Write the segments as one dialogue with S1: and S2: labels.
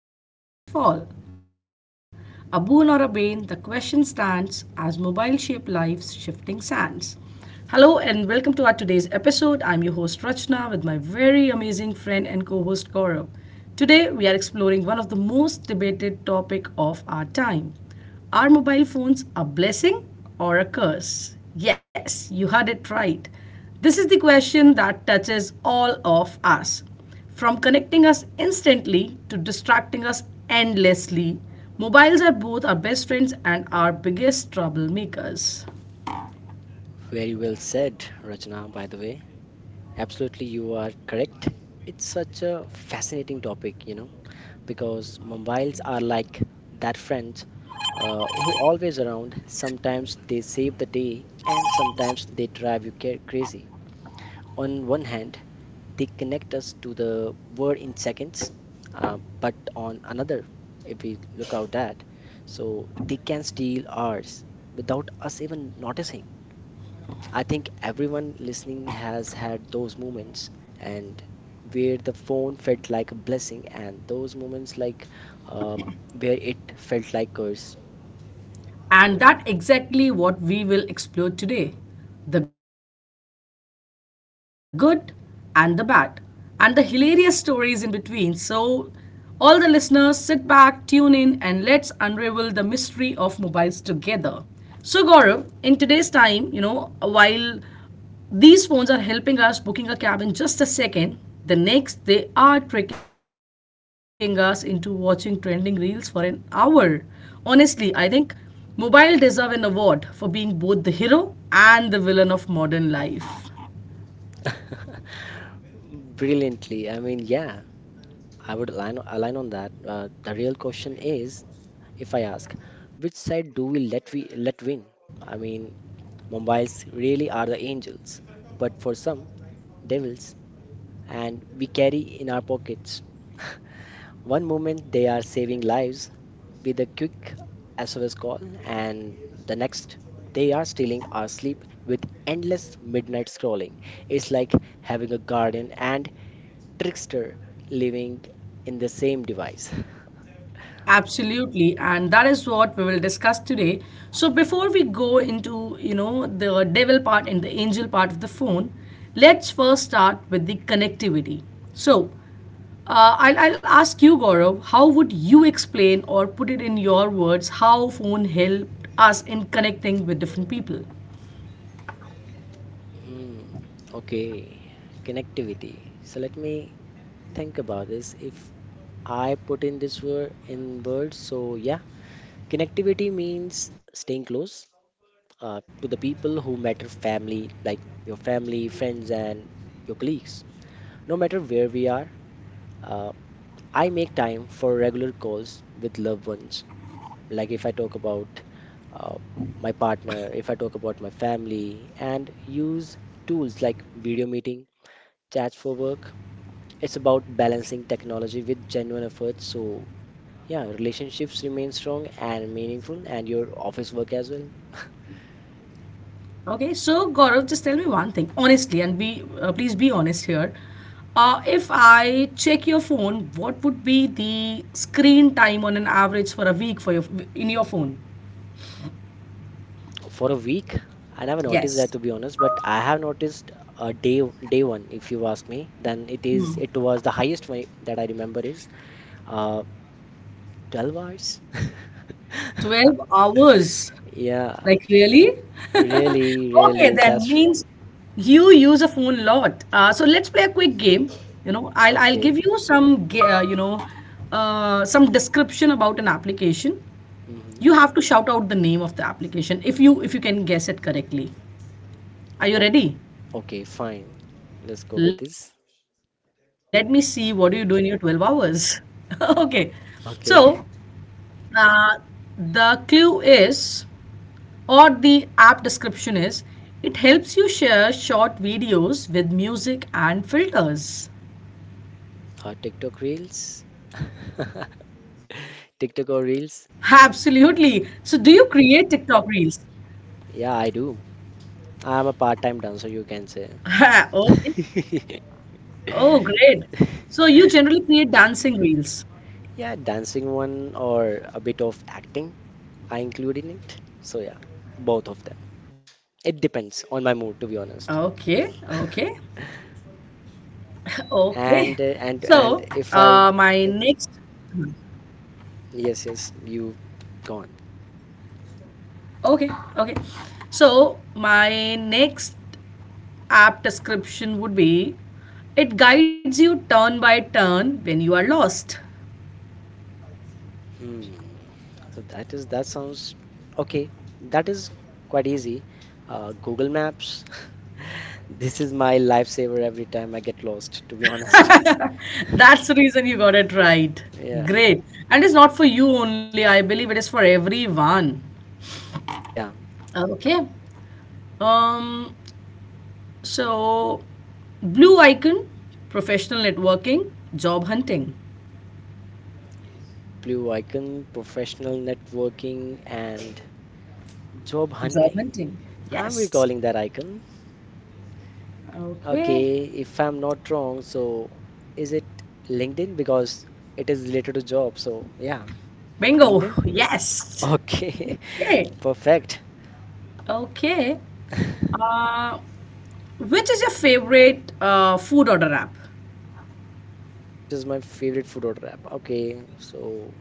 S1: it lifts us up yet makes us fall. A boon or a bane, the question stands as mobile shape life's shifting sands. Hello and welcome to our today's episode. I'm your host Rachna with my very amazing friend and co-host Gaurav. Today we are exploring one of the most debated topic of our time. Are mobile phones a blessing or a curse? Yes, you heard it right. This is the question that touches all of us. From connecting us instantly to distracting us endlessly, mobiles are both our best friends and our biggest troublemakers.
S2: Very well said, Rachna, by the way. Absolutely, you are correct. It's such a fascinating topic, because mobiles are like that friend who always around. Sometimes they save the day and sometimes they drive you crazy. On one hand, they connect us to the world in seconds, but on another, if we look out that, so they can steal ours without us even noticing. I think everyone listening has had those moments and where the phone felt like a blessing and those moments like uh, where it felt like curse.
S1: And that exactly what we will explore today. The good and the bad and the hilarious stories in between. So all the listeners sit back, tune in and let's unravel the mystery of mobiles together. So Gaurav, in today's time, you know, while these phones are helping us booking a cab in just a second. The next, they are tricking us into watching trending reels for an hour. Honestly, I think mobile deserve an award for being both the hero and the villain of modern life.
S2: Brilliantly. I mean, yeah, I would align on that. The real question is, if I ask, which side do we let win? I mean, mobiles really are the angels, but for some, devils. And we carry in our pockets. One moment they are saving lives with a quick SOS call, and the next they are stealing our sleep with endless midnight scrolling. It's like having a guardian and trickster living in the same device.
S1: Absolutely, and that is what we will discuss today. So before we go into, you know, the devil part and the angel part of the phone, let's first start with the connectivity. So, I'll ask you, Gaurav, how would you explain or put it in your words how phone helped us in connecting with different people?
S2: Hmm, okay, connectivity. So let me think about this. If I put in this word in words, so yeah, connectivity means staying close, to the people who matter family, like your family, friends, and your colleagues. No matter where we are, uh, I make time for regular calls with loved ones. Like if I talk about uh, my partner, if I talk about my family, and use tools like video meeting, chats for work. It's about balancing technology with genuine effort. So, yeah, relationships remain strong and meaningful, and your office work as well.
S1: Okay, so Gaurav, just tell me one thing honestly, and be please be honest here. If I check your phone, what would be the screen time on an average for a week for your in your phone?
S2: For a week. I never noticed that to
S1: Yes.
S2: be honest, but I have noticed uh, day day one. If you ask me, then it was the highest one that I remember is uh, 12 hours.
S1: 12 hours.
S2: Yeah,
S1: Like really?
S2: really,
S1: Okay,
S2: really, that's
S1: then
S2: true.
S1: means you use a phone a lot. So let's play a quick game. You know, I'll give
S2: Okay.
S1: you you know some description about an application.
S2: Mm-hmm.
S1: You have to shout out the name of the application if you can guess it correctly. Are you
S2: O
S1: ready?
S2: okay, fine. Let's go with
S1: Let me
S2: this.
S1: see what do you do in your 12 hours. Okay. So,
S2: Okay.
S1: uh, the clue is or the app description is it helps you share short videos with music and filters.
S2: TikTok Reels. TikTok or
S1: Absolutely.
S2: Reels?
S1: So, do you create TikTok reels?
S2: Yeah, I do. I'm a part-time dancer, you can say.
S1: Okay. Oh, great. So, you generally create dancing reels.
S2: Yeah, dancing one or a bit of acting, I include in it. So yeah, both of them. It depends on my
S1: Okay.
S2: mood, to be
S1: Okay.
S2: honest.
S1: Okay. So,
S2: And if
S1: my
S2: I,
S1: next.
S2: if, yes, yes, you gone.
S1: Okay. Okay. So, my next app description would be it guides you turn by turn when you are lost.
S2: Hmm. So that sounds okay. That is quite easy. Google Maps. This is my lifesaver every time I get lost, to be honest.
S1: That's the reason you got it right.
S2: Yeah,
S1: Great. And it's not for you only, I believe it is for everyone.
S2: yeah.
S1: Okay. Um, so, blue icon, professional networking, job hunting.
S2: Blue icon, professional networking, and job
S1: Job
S2: hunting.
S1: hunting.
S2: I'm
S1: Yes.
S2: recalling that icon.
S1: Okay.
S2: Okay, if I'm not wrong, so is it LinkedIn? Because it is related to job. So yeah,
S1: Bingo.
S2: LinkedIn.
S1: Yes.
S2: Okay,
S1: Okay.
S2: perfect.
S1: Okay. Uh, which is your favorite food order app?
S2: Which is my favorite food order app? Okay, so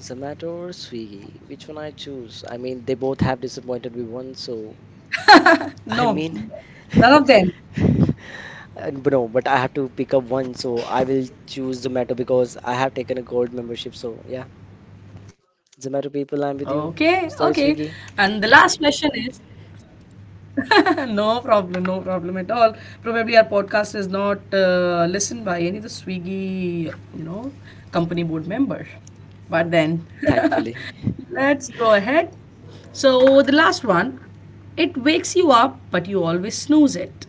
S2: Zomato or Swiggy? Which one I choose? I mean, they both have disappointed me once. So I
S1: No.
S2: mean,
S1: None of them.
S2: But no, but I have to pick up one. So I will choose Zomato because I have taken a gold membership. So yeah. Zomato
S1: Okay.
S2: people, I'm
S1: Okay.
S2: with you.
S1: And the
S2: Sorry,
S1: last
S2: Swiggy.
S1: question is no problem, no problem at all. Probably our podcast is not listened by any of the Swiggy, you know, company board members. But
S2: Oh,
S1: then,
S2: thankfully.
S1: let's go ahead. So the last one, it wakes you up, but you always snooze it.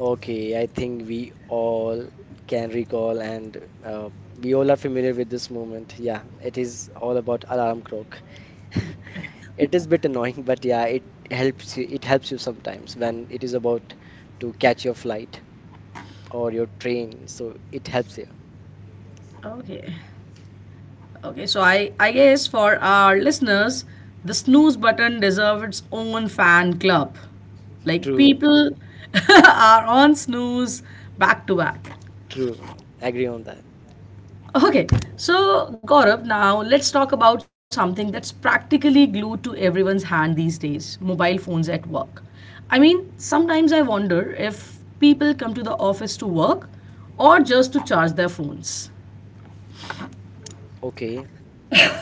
S2: Okay, I think we all can recall and uh, we all are familiar with this moment. Yeah, it is all about alarm clock. It is a bit annoying, but yeah, it helps you. It helps you sometimes when it is about to catch your flight or your train. So it helps you.
S1: Okay. Okay, so I guess for our listeners, the snooze button deserves its own fan club. Like
S2: True,
S1: people are on snooze back to back.
S2: true. Agree on that.
S1: Okay, so Gaurav, now let's talk about something that's practically glued to everyone's hand these days mobile phones at work. I mean, sometimes I wonder if people come to the office to work or just to charge their phones.
S2: Okay.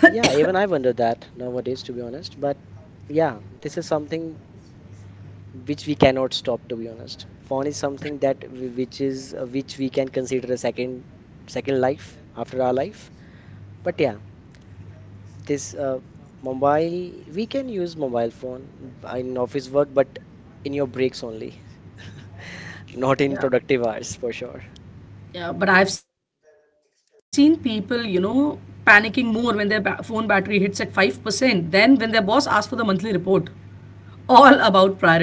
S2: Yeah, even I wonder that nowadays, to be honest. But yeah, this is something which we cannot stop to be honest phone is something that which is which we can consider a second life after our life, but yeah, this mobile, we can use mobile phone in office work but in your breaks only, not in
S1: Yeah,
S2: productive hours for sure.
S1: yeah, but I've seen people, you know, panicking more when their phone battery hits at 5% than when their boss asks for the monthly report all about priorities right.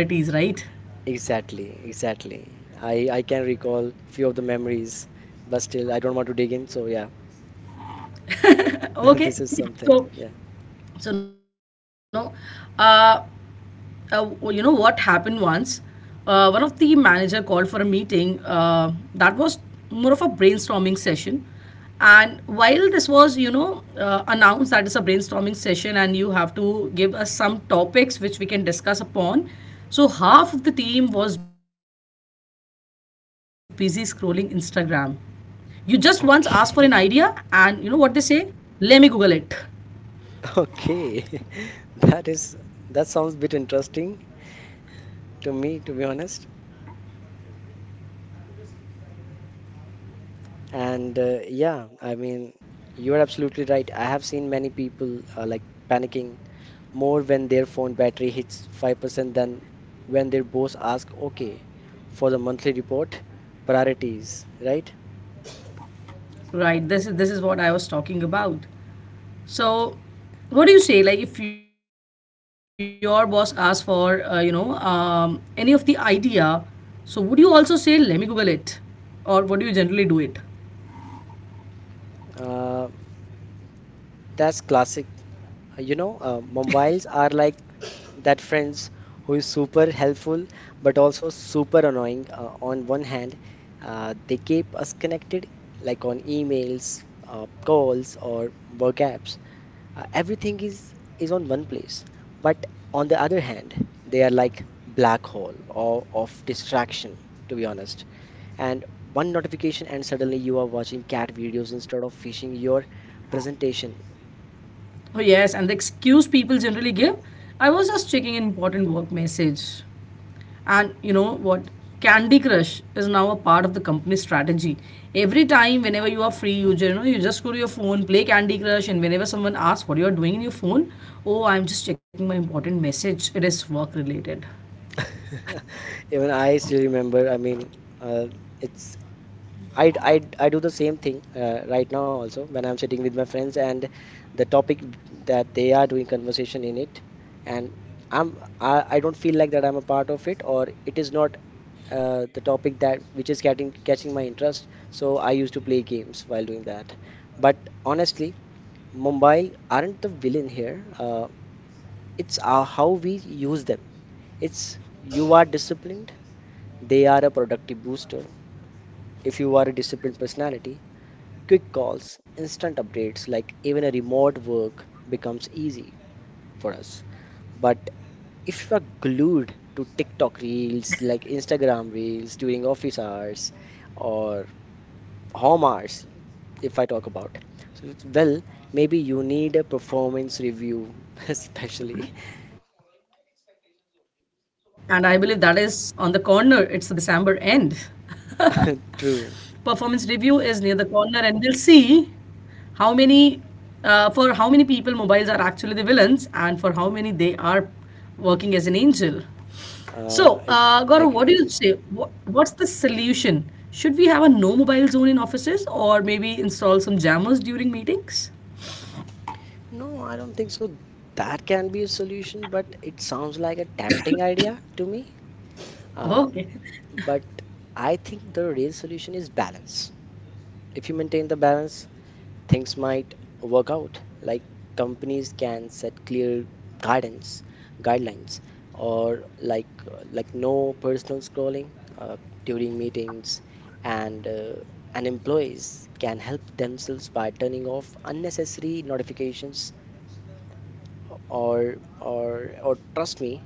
S2: Exactly I can recall few of the memories, but still I don't want to dig in, so yeah.
S1: Okay,
S2: This is something,
S1: so
S2: yeah.
S1: so no uh, w- you know what happened once. Uh, one of the manager called for a meeting, that was more of a brainstorming session, and while this was you know announced that it's a brainstorming session and you have to give us some topics which we can discuss upon, so half of the team was busy scrolling Instagram. You just once ask for an idea and you know what they say,
S2: Okay.
S1: let me Google it.
S2: Okay, that is that sounds a bit interesting to me, to be honest. And yeah, I mean, you're absolutely right. I have seen many people like panicking more when their phone battery hits 5% than when their boss asks, okay, for the monthly report, priorities, right?
S1: Right, this is what I was talking about. So, what do you say? Like, if your boss asks for, you know, any of the idea, so would you also say, "Let me Google it," or what do you generally do it?
S2: Uh, That's classic. You know, mobiles are like that friends who is super helpful but also super annoying. On one hand, they keep us connected, like on emails, calls, or work apps. Everything is on one place. But on the other hand, they are like black hole or of distraction, to be honest. And one notification, and suddenly you are watching cat videos instead of finishing your presentation.
S1: Oh yes, and the excuse people generally give, I was just checking an important work message, and you know what? Candy Crush is now a part of the company strategy. Every time, whenever you are free, you you know you just go to your phone, play Candy Crush, and whenever someone asks what you are doing in your phone, oh, I'm just checking my important message. It is work related.
S2: Even I still remember. I mean, uh, it's I do the same thing right now also when I'm sitting with my friends, and the topic that they are doing conversation in it, and I don't feel like that I'm a part of it, or it is not the topic that which is catching my interest. So I used to play games while doing that. But honestly, mobile aren't the villain here. It's how we use them. It's you are disciplined, they are a productive booster if you are a disciplined personality. Quick calls, instant updates, like even a remote work becomes easy for us. But if you are glued to TikTok reels, like Instagram reels during office hours or home hours, if I talk about, so well, maybe you need a performance review, especially.
S1: And I believe that is on the corner, it's at the Sambar end. Performance review is near the
S2: True.
S1: corner, and we'll see how many, for how many people mobiles are actually the villains, and for how many they are working as an angel. So, Gaurav,
S2: Uh,
S1: what do
S2: I
S1: you say?
S2: I
S1: What,
S2: agree.
S1: what's the solution? Should we have a no mobile zone in offices or maybe install some jammers during meetings?
S2: No, I don't think so. That can be a solution, but it sounds like a tempting idea to me. Uh,
S1: Okay,
S2: but I think the real solution is balance. If you maintain the balance, things might work out. Like companies can set clear guidance, guidelines, or like no personal scrolling uh, during meetings, and uh, and employees can help themselves by turning off unnecessary notifications, or trust me,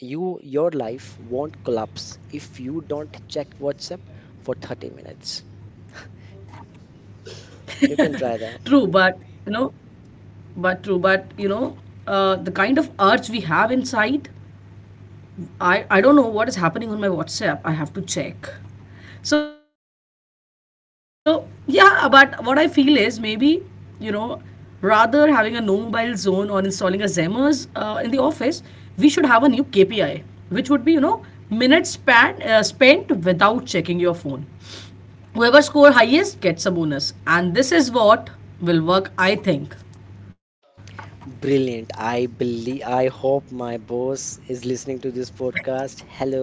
S2: your life won't collapse if you don't check whatsapp for 30 minutes. You can try
S1: true,
S2: that.
S1: but you know, true, but you know, the kind of urge we have inside, I don't know what is happening on my WhatsApp. I have to check. So, yeah, but what I feel is maybe, you know, rather having a no mobile zone or installing a Xamarin in the office, we should have a new KPI, which would be, you know, spent without checking your phone. Whoever score highest gets a bonus. And this is what will work, I think.
S2: Brilliant, I believe. I hope my boss is listening to this podcast. Hello.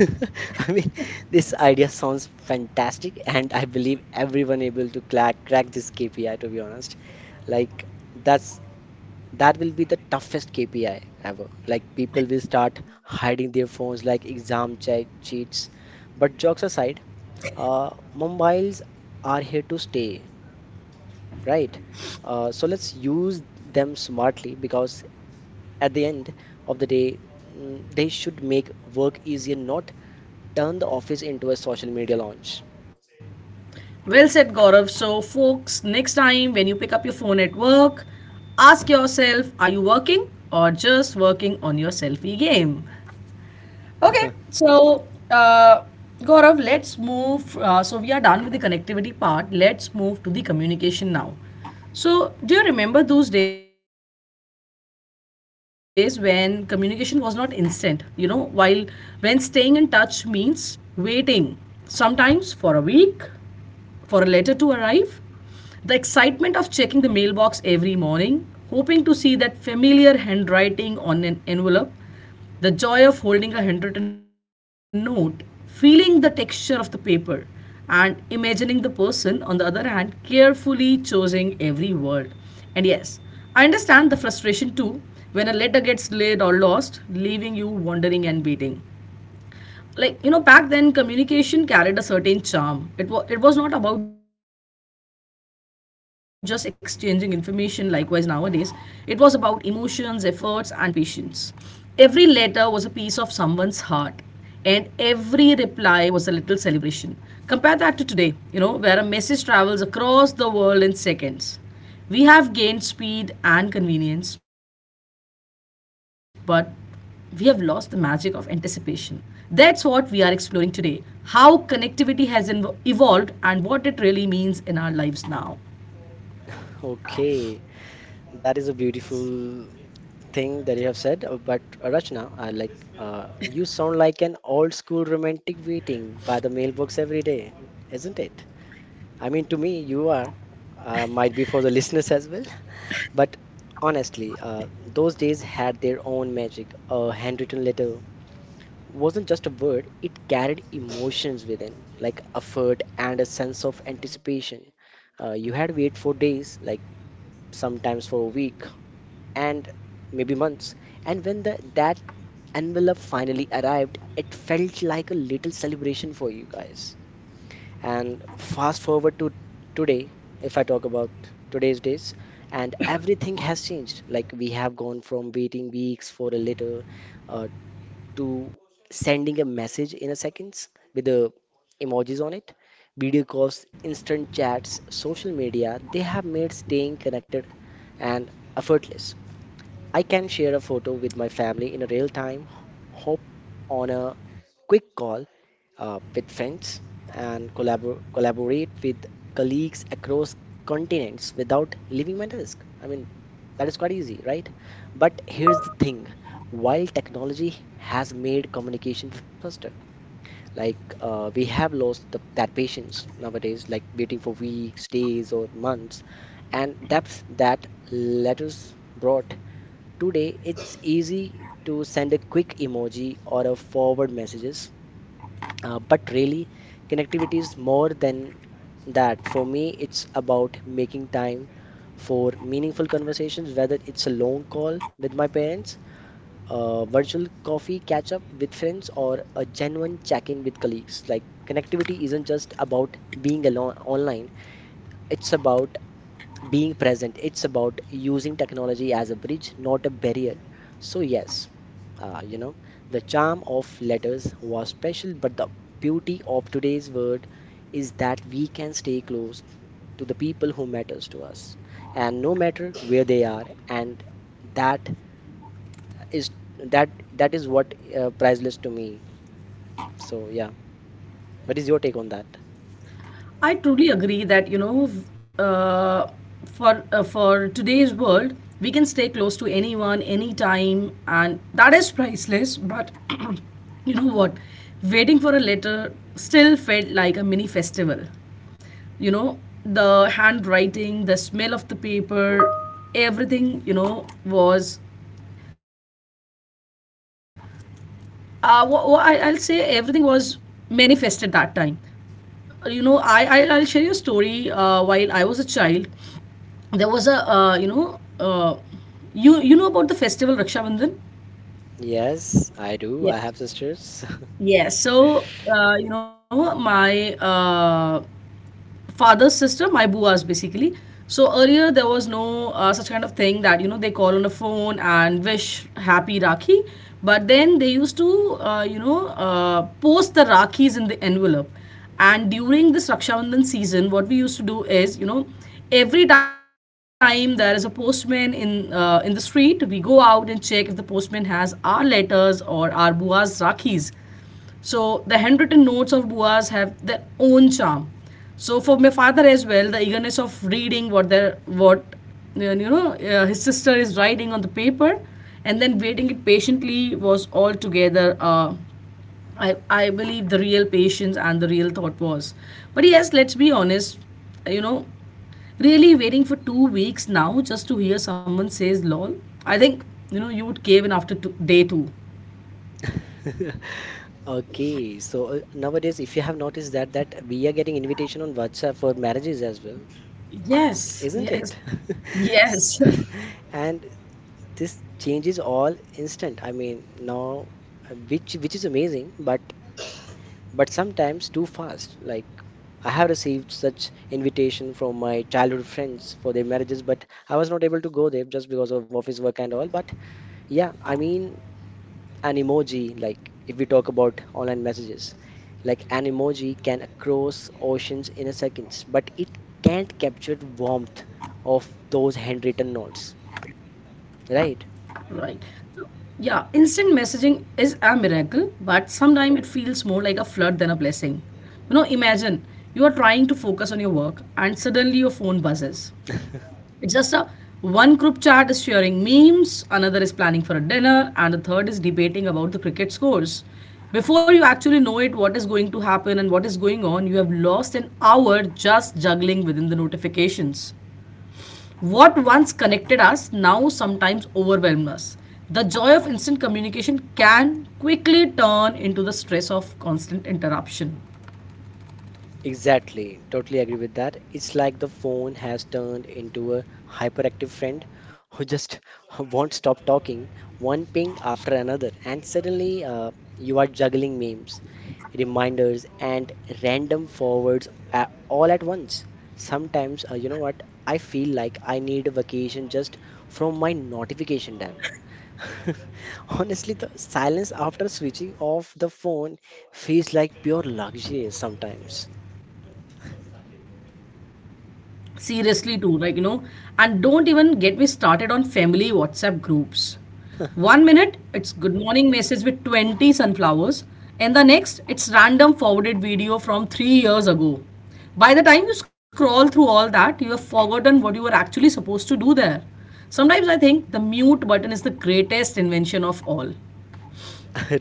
S2: I mean, this idea sounds fantastic and I believe everyone able to crack this KPI, to be honest. Like, that's that will be the toughest KPI ever. Like people will start hiding their phones like exam cheats. But jokes aside, mobiles are here to stay, right? So let's use them smartly because at the end of the day, they should make work easier, not turn the office into a social media launch.
S1: Well said, Gaurav. So, folks, next time when you pick up your phone at work, ask yourself are you working or just working on your selfie game? Okay, so uh, Gaurav, let's move. We are done with the connectivity part. Let's move to the communication now. So, do you remember those days when communication was not instant? You know, while when staying in touch means waiting sometimes for a week, for a letter to arrive, the excitement of checking the mailbox every morning, hoping to see that familiar handwriting on an envelope, the joy of holding a handwritten note, feeling the texture of the paper, and imagining the person, on the other hand, carefully choosing every word. And yes, I understand the frustration too when a letter gets delayed or lost, leaving you wondering and waiting. Like you know back then communication carried a certain charm. It was not about just exchanging information, likewise nowadays it was about emotions, efforts and patience. Every letter was a piece of someone's heart, and every reply was a little celebration. Compare that to today, you know, where a message travels across the world in seconds. We have gained speed and convenience, but we have lost the magic of anticipation. That's what we are exploring today, how connectivity has evolved and what it really means in our lives now.
S2: Okay, that is a beautiful thing that you have said, but Rachna, I like you sound like an old school romantic waiting by the mailbox every day, isn't it? I mean, to me, you are, might be for the listeners as well. But honestly, those days had their own magic. A handwritten letter wasn't just a word, it carried emotions within, like effort and a sense of anticipation. You had to wait for days, like sometimes for a week, and maybe months. And when the, that envelope finally arrived, it felt like a little celebration for you guys. And fast forward to today, if I talk about today's days, and everything has changed. Like we have gone from waiting weeks for a letter uh, to sending a message in a seconds with the emojis on it. Video calls, instant chats, social media, they have made staying connected and effortless. I can share a photo with my family in a real time, hop on a quick call with friends, and collaborate with colleagues across continents without leaving my desk. I mean, that is quite easy, right? But here's the thing, while technology has made communication faster, like we have lost the, that patience nowadays, like waiting for weeks, days, or months, and depth that letters brought. Today, it's easy to send a quick emoji or a forward messages, but really, connectivity is more than that. For me, it's about making time for meaningful conversations, whether it's a long call with my parents, a virtual coffee catch up with friends, or a genuine check in with colleagues. Like, connectivity isn't just about being alone online, it's about being present. It's about using technology as a bridge, not a barrier. So, yes, uh, you know, the charm of letters was special, but the beauty of today's word is that we can stay close to the people who matters to us and no matter where they are, and that is that is what priceless to me. So yeah, what is your take on that?
S1: I truly agree that you know, uh, for today's world, we can stay close to anyone, anytime, and that is priceless. But you know what? Waiting for a letter still felt like a mini festival. You know, the handwriting, the smell of the paper, everything. You know, was I'll say everything was manifested that time. You know, I'll share you a story. While I was a child, there was a, you know about the festival Raksha Bandhan?
S2: Yes, I do, I
S1: Yes.
S2: have sisters.
S1: Yes. So, you know, my father's sister, my buas basically. So earlier there was no such kind of thing that you know they call on the phone and wish happy Rakhi, but then they used to post the Rakhis in the envelope. And during this Raksha Bandhan season, what we used to do is you know every time there is a postman in the street, we go out and check if the postman has our letters or our bua's Rakhis. So the handwritten notes of Buas have their own charm. So for my father as well, the eagerness of reading what their what you know his sister is writing on the paper, and then waiting it patiently was altogether. I believe the real patience and the real thought was. But yes, let's be honest. You know, really waiting for 2 weeks now just to hear someone says lol. I think you know you would cave in after day two.
S2: Okay, so nowadays, if you have noticed that we are getting invitation on WhatsApp for marriages as well,
S1: Yes,
S2: isn't
S1: yes,
S2: it? S-
S1: yes.
S2: And this change is all instant. I mean, now, which is amazing, but sometimes too fast. Like I have received such invitation from my childhood friends for their marriages, but I was not able to go there just because of office work and all. But yeah, I mean, an emoji, like if we talk about online messages, like an emoji can cross oceans in a seconds, but it can't capture warmth of those handwritten notes, right?
S1: Right. So, yeah, instant messaging is a miracle, but sometimes it feels more like a flood than a blessing. Imagine you are trying to focus on your work and suddenly your phone buzzes. It's just a One group chat is sharing memes, another is planning for a dinner, and the third is debating about the cricket scores. Before you actually know it, what is going to happen and what is going on, you have lost an hour just juggling within the notifications. What once connected us now sometimes overwhelms us. The joy of instant communication can quickly turn into the stress of constant interruption.
S2: Exactly, totally agree with that. It's like the phone has turned into a hyperactive friend who just won't stop talking, one ping after another, and suddenly you are juggling memes, reminders, and random forwards a all at once. Sometimes, I feel like I need a vacation just from my notification dam. Honestly, the silence after switching off the phone feels like pure luxury sometimes.
S1: Seriously too, like, and don't even get me started on family whatsapp groups. One minute it's good morning message with 20 sunflowers, and the next it's random forwarded video from 3 years ago. By the time you scroll through all that, you have forgotten what you were actually supposed to do there. Sometimes I think the mute button is the greatest invention of all.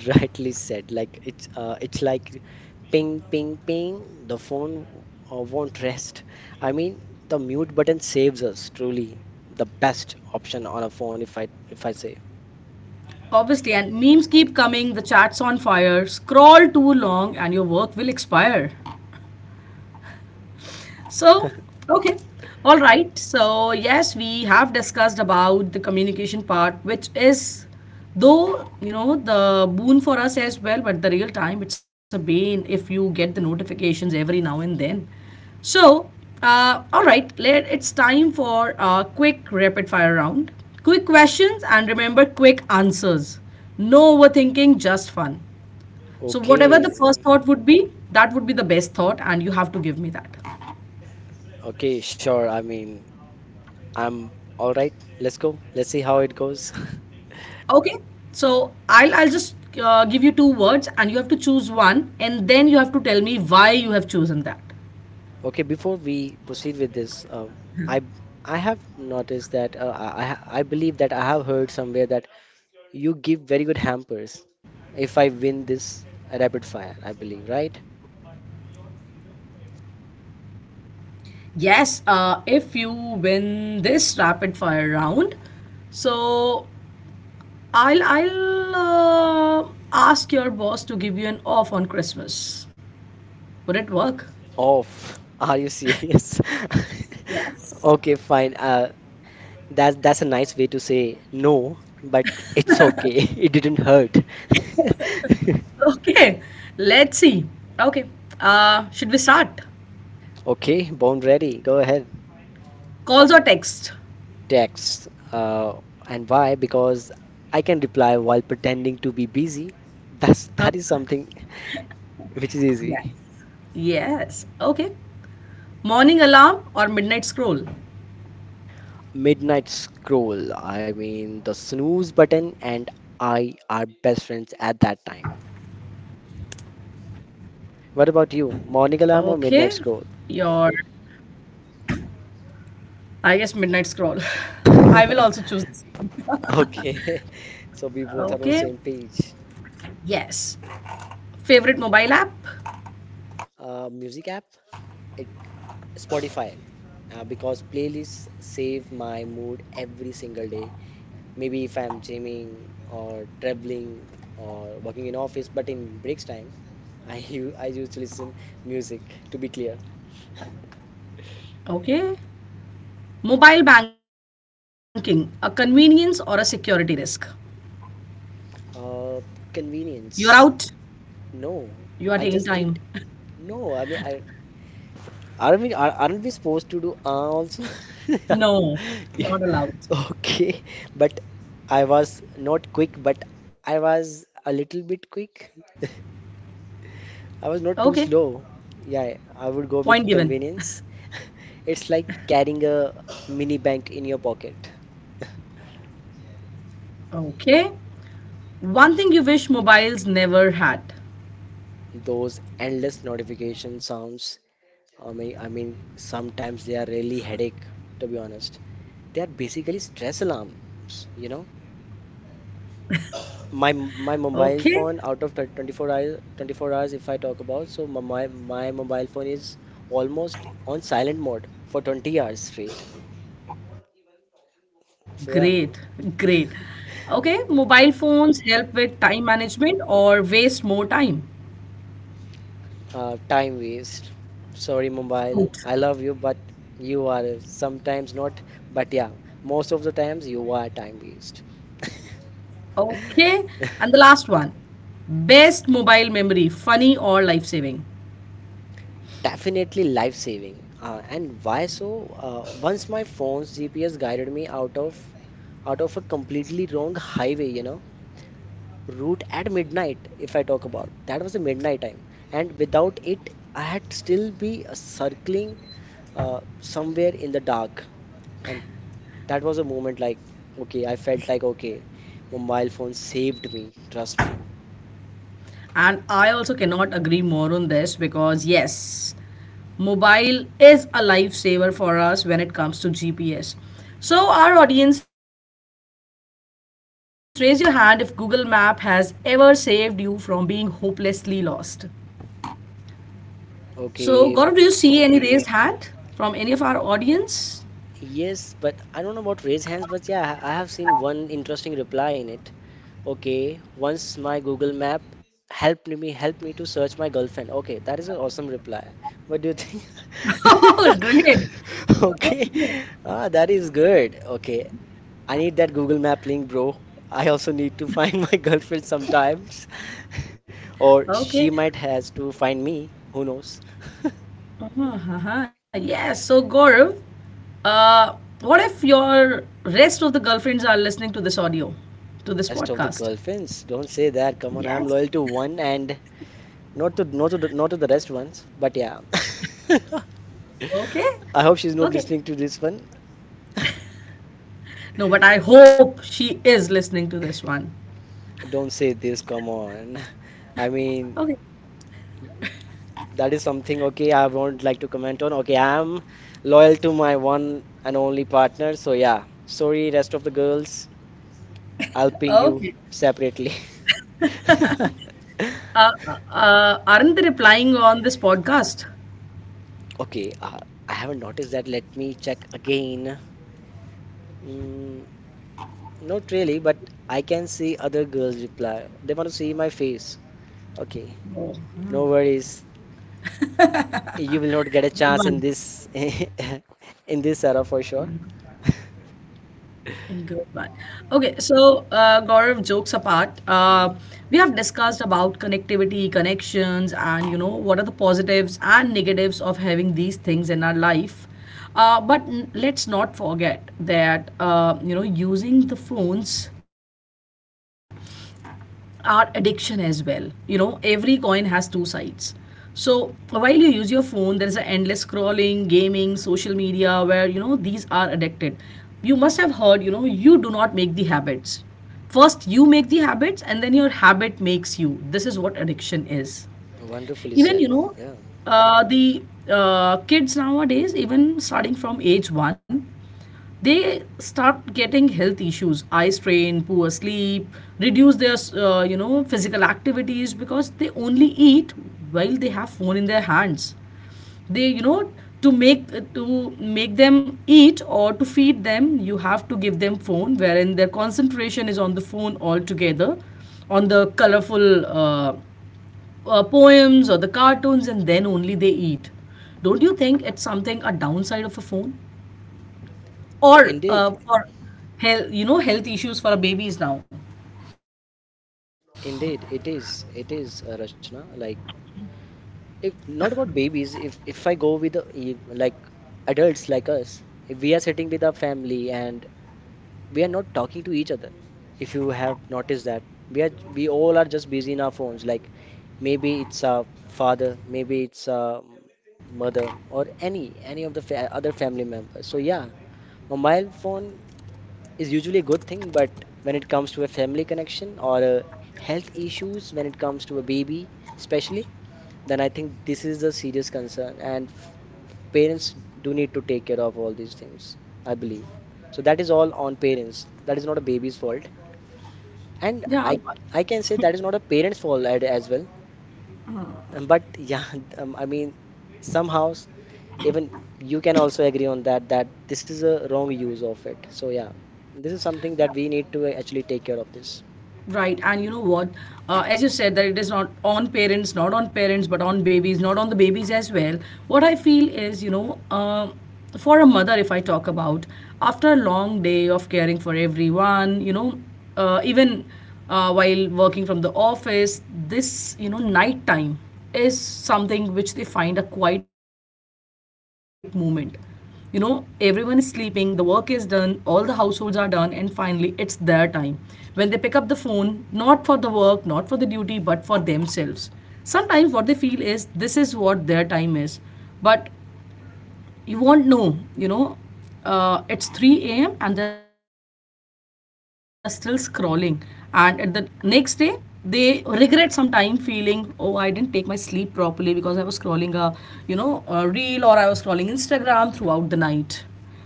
S2: Rightly said. Like it's like ping, ping, ping. The phone won't rest. I mean, the mute button saves us. Truly, the best option on a phone, if I say.
S1: Obviously, and memes keep coming, the chats on fire, scroll too long and your work will expire. So, okay. All right. So, yes, we have discussed about the communication part, which is, though, you know, the boon for us as well, but the real time, it's a bane if you get the notifications every now and then. So, all right, it's time for a quick rapid fire round. Quick questions and remember quick answers. No overthinking, just fun. So, whatever the Yes.
S2: Okay,
S1: first thought would be, that would be the best thought, and you have to give me that.
S2: okay, sure. I mean, I'm all right. Let's go. Let's see how it goes.
S1: Okay, so I'll just give you two words, and you have to choose one, and then you have to tell me why you have chosen that.
S2: Okay, before we proceed with this, I I have noticed that I believe that I have heard somewhere that you give very good hampers. If I win this rapid fire, I believe, right?
S1: Yes, if you win this rapid fire round, so I'll ask your boss to give you an off on Christmas. Would it work?
S2: Off. Are you serious? Okay, fine. That's a nice way to say no, but it's okay. It didn't hurt.
S1: Okay, let's see. Okay, should we start?
S2: Okay, born ready. Go ahead.
S1: Calls or text?
S2: Text. And why? Because I can reply while pretending to be busy. That's
S1: Oh,
S2: that is something which is
S1: yes.
S2: easy.
S1: Yes. Okay. Morning alarm or midnight scroll?
S2: Midnight scroll, I mean the snooze button and I are best friends at that time. What about you?
S1: Okay,
S2: Morning alarm or midnight
S1: your
S2: scroll?
S1: I guess midnight scroll. I will also choose the same.
S2: Okay, so we both are on
S1: Okay,
S2: same page.
S1: yes. Favorite mobile app?
S2: Music app, it Spotify, because playlists save my mood every single day. Maybe if I'm gymming or traveling or working in office, but in breaks time, I used to listen music to be clear.
S1: Okay. Mobile banking, a convenience or a security risk?
S2: Uh,
S1: You're
S2: convenience.
S1: out.
S2: No, I
S1: You are
S2: just
S1: taking
S2: did.
S1: time.
S2: No, I mean, I aren't we supposed to do also? Yeah,
S1: No, not allowed.
S2: okay, but I was not quick, but I was a little bit quick.
S1: Okay,
S2: I was not too slow. Yeah,
S1: point
S2: I
S1: given.
S2: would go with convenience. It's like carrying a mini bank in your pocket.
S1: Okay. One thing you wish mobiles never had?
S2: Those endless notification sounds, I mean, sometimes they are really headache, to be honest. They are basically stress alarms, you know. My mobile phone out of
S1: Okay.
S2: 24 hours, 24 hours if I talk about, so my mobile phone is almost on silent mode for 20 hours straight. So yeah,
S1: Great, great. Okay, mobile phones help with time management or waste more time.
S2: time waste. Sorry, mobile.
S1: Good.
S2: I love you, but you are sometimes not. But yeah, most of the times you are time waste.
S1: Okay, and the last one, best mobile memory, funny or life saving.
S2: Definitely life saving. And why so? Once my phone's GPS guided me out of a completely wrong highway, you know, route at midnight, if I talk about. That was a midnight time. And without it, I had still be circling somewhere in the dark. And that was a moment like, okay, I felt like, okay, mobile phone saved me, trust me.
S1: And I also cannot agree more on this because, yes, mobile is a lifesaver for us when it comes to GPS. So, our audience, raise your hand if Google Map has ever saved you from being hopelessly lost. So, Gaurav, do you see
S2: Okay,
S1: any raised hand from any of our audience?
S2: yes, but I don't know about raise hands, but yeah, I have seen one interesting reply in it. Okay, once my Google Map helped me to search my girlfriend. Okay, that is an awesome reply. What do you
S1: Oh,
S2: think?
S1: great.
S2: Okay, ah, that is good. Okay, I need that Google Map link, bro. I also need to find my girlfriend sometimes, or she
S1: Okay.
S2: might has to find me. Who knows?
S1: Uh-huh. Yes. So, Gaurav, uh, what if your rest of the girlfriends are listening to this audio, to this
S2: Rest of the
S1: podcast?
S2: girlfriends, don't say that. Come on, I'm
S1: Yes.
S2: loyal to one and not to the rest ones. But yeah.
S1: Okay.
S2: I hope she's not
S1: Okay.
S2: listening to this one.
S1: No, but I hope she is listening to this one.
S2: Don't say this, come on. I mean,
S1: Okay.
S2: that is something, okay, I won't like to comment on. Okay, I'm loyal to my one and only partner, so yeah. Sorry, rest of the girls, I'll ping you
S1: Okay.
S2: separately.
S1: Aren't they replying on this podcast?
S2: Okay, I haven't noticed that. Let me check again. Mm, not really, but I can see other girls reply. They want to see my face. Okay, no worries. You will not get a chance in
S1: Good
S2: this
S1: one.
S2: in this era for sure.
S1: Good one. Okay, so Gaurav, jokes apart,
S2: Mhm.
S1: we have discussed about connectivity, connections, and you know what are the positives and negatives of having these things in our life. But let's not forget that you know using the phones our addiction as well. You know, every coin has two sides. So while you use your phone, there is an endless scrolling, gaming, social media where you know these are addicted. You must have heard, you know, you do not make the habits. First, you make the habits, and then your habit makes you. This is what addiction is,
S2: Wonderfully
S1: even
S2: said.
S1: you know
S2: Yeah.
S1: the kids nowadays, even starting from age one, they start getting health issues, eye strain, poor sleep, reduce their you know physical activities, because they only eat while they have phone in their hands. They, you know, to make them eat or to feed them you have to give them phone, wherein their concentration is on the phone altogether, on the colorful poems or the cartoons, and then only they eat. Don't you think it's something a downside of a phone or,
S2: Indeed,
S1: for health, you know, health issues for babies now?
S2: indeed, it is. It is, Rachna. Like, if not about babies, if I go with the, like adults like us, if we are sitting with our family and we are not talking to each other. If you have noticed that, we are we all are just busy in our phones. Like, maybe it's a father, maybe it's a mother, or any of the fa other family members. So yeah, mobile phone is usually a good thing, but when it comes to a family connection or health issues, when it comes to a baby, especially, then I think this is a serious concern, and parents do need to take care of all these things, I believe. So that is all on parents. That is not a baby's fault, and
S1: Yeah,
S2: I can say that is not a parent's fault as well. But yeah, I mean, somehow. Even you can also agree on that that this is a wrong use of it, so yeah, this is something that we need to actually take care of this.
S1: right, and you know what? As you said, that it is not on parents, not on parents, but on babies, not on the babies as well. What I feel is, you know, um, for a mother, if I talk about, after a long day of caring for everyone, you know, even while working from the office, this, you know, night time is something which they find a quiet moment. You know, everyone is sleeping, the work is done, all the households are done, and finally it's their time when they pick up the phone, not for the work, not for the duty, but for themselves. Sometimes what they feel is this is what their time is, but you won't know, you know, it's 3 a.m. and they're still scrolling, and at the next day they regret some time, feeling, oh, I didn't take my sleep properly because I was scrolling a, you know, a reel, or I was scrolling instagram throughout the night.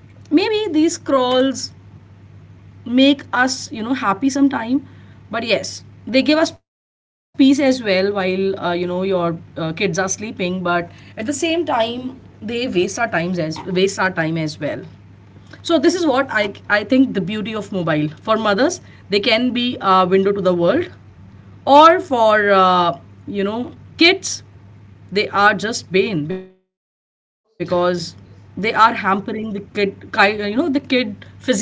S1: So maybe these scrolls make us, you know, happy sometime, but yes, they give us peace as well while you know your kids are sleeping, but at the same time they waste our time as well. So this is what I think, the beauty of mobile for mothers, they can be a window to the world, or for you know kids they are just bane, because they are hampering the you know the kid physical health.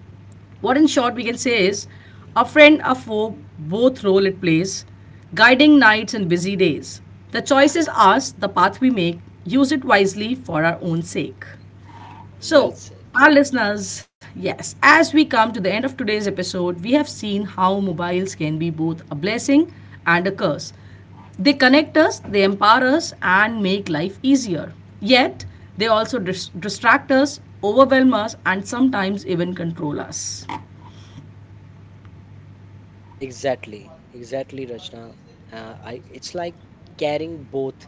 S1: What in short we can say is, a friend, a foe, both role it plays, guiding nights and busy days. The choice is ours, the path we make, use it wisely for our own sake.
S2: Well
S1: So,
S2: said.
S1: our listeners, yes, as we come to the end of today's episode, we have seen how mobiles can be both a blessing and a curse. They connect us, they empower us, and make life easier. Yet, they also distract us, overwhelm us, and sometimes even control us.
S2: Exactly. Exactly, Rachna. Uh, I, it's like carrying both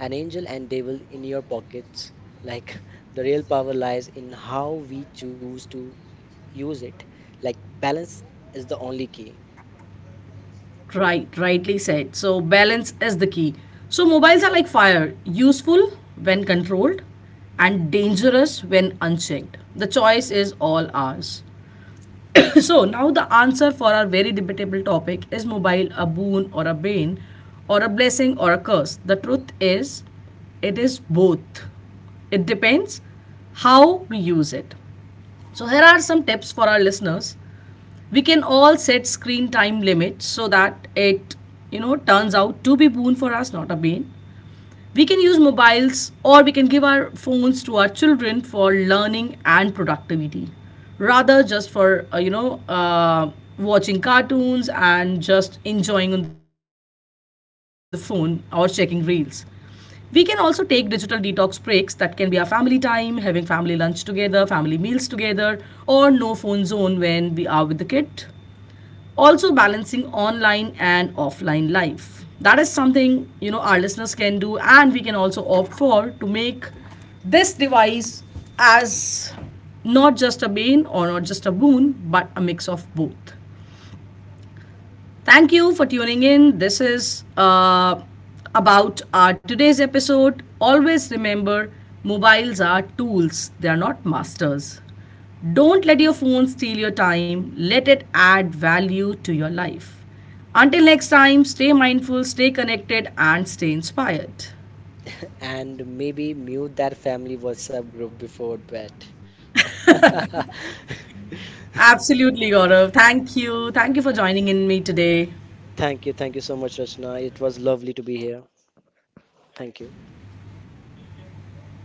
S2: an angel and devil in your pockets. Like the real power lies in how we choose to use it. Like balance is the only key.
S1: Right, rightly said. So, balance is the key. So, mobiles are like fire, useful when controlled, and dangerous when unchecked. The choice is all ours. So now the answer for our very debatable topic, is mobile a boon or a bane, or a blessing or a curse? The truth is, it is both. It depends how we use it. So here are some tips for our listeners. We can all set screen time limits so that it, you know, turns out to be boon for us, not a bane. We can use mobiles, or we can give our phones to our children for learning and productivity, rather just for watching cartoons and just enjoying on the phone or checking reels. We can also take digital detox breaks, that can be our family time, having family lunch together, family meals together, or no phone zone when we are with the kid. Also balancing online and offline life, that is something you know our listeners can do, and we can also opt for, to make this device as not just a bane or not just a boon, but a mix of both. Thank you for tuning in. This is about our today's episode. Always remember, mobiles are tools, they are not masters. Don't let your phone steal your time, let it add value to your life. Until next time, stay mindful, stay connected, and stay inspired.
S2: And maybe mute that family WhatsApp group before bed.
S1: Absolutely, Gaurav. Thank you. Thank you for joining in me today.
S2: Thank you. Thank you so much, Rachna. It was lovely to be here. Thank you.
S1: Thank you.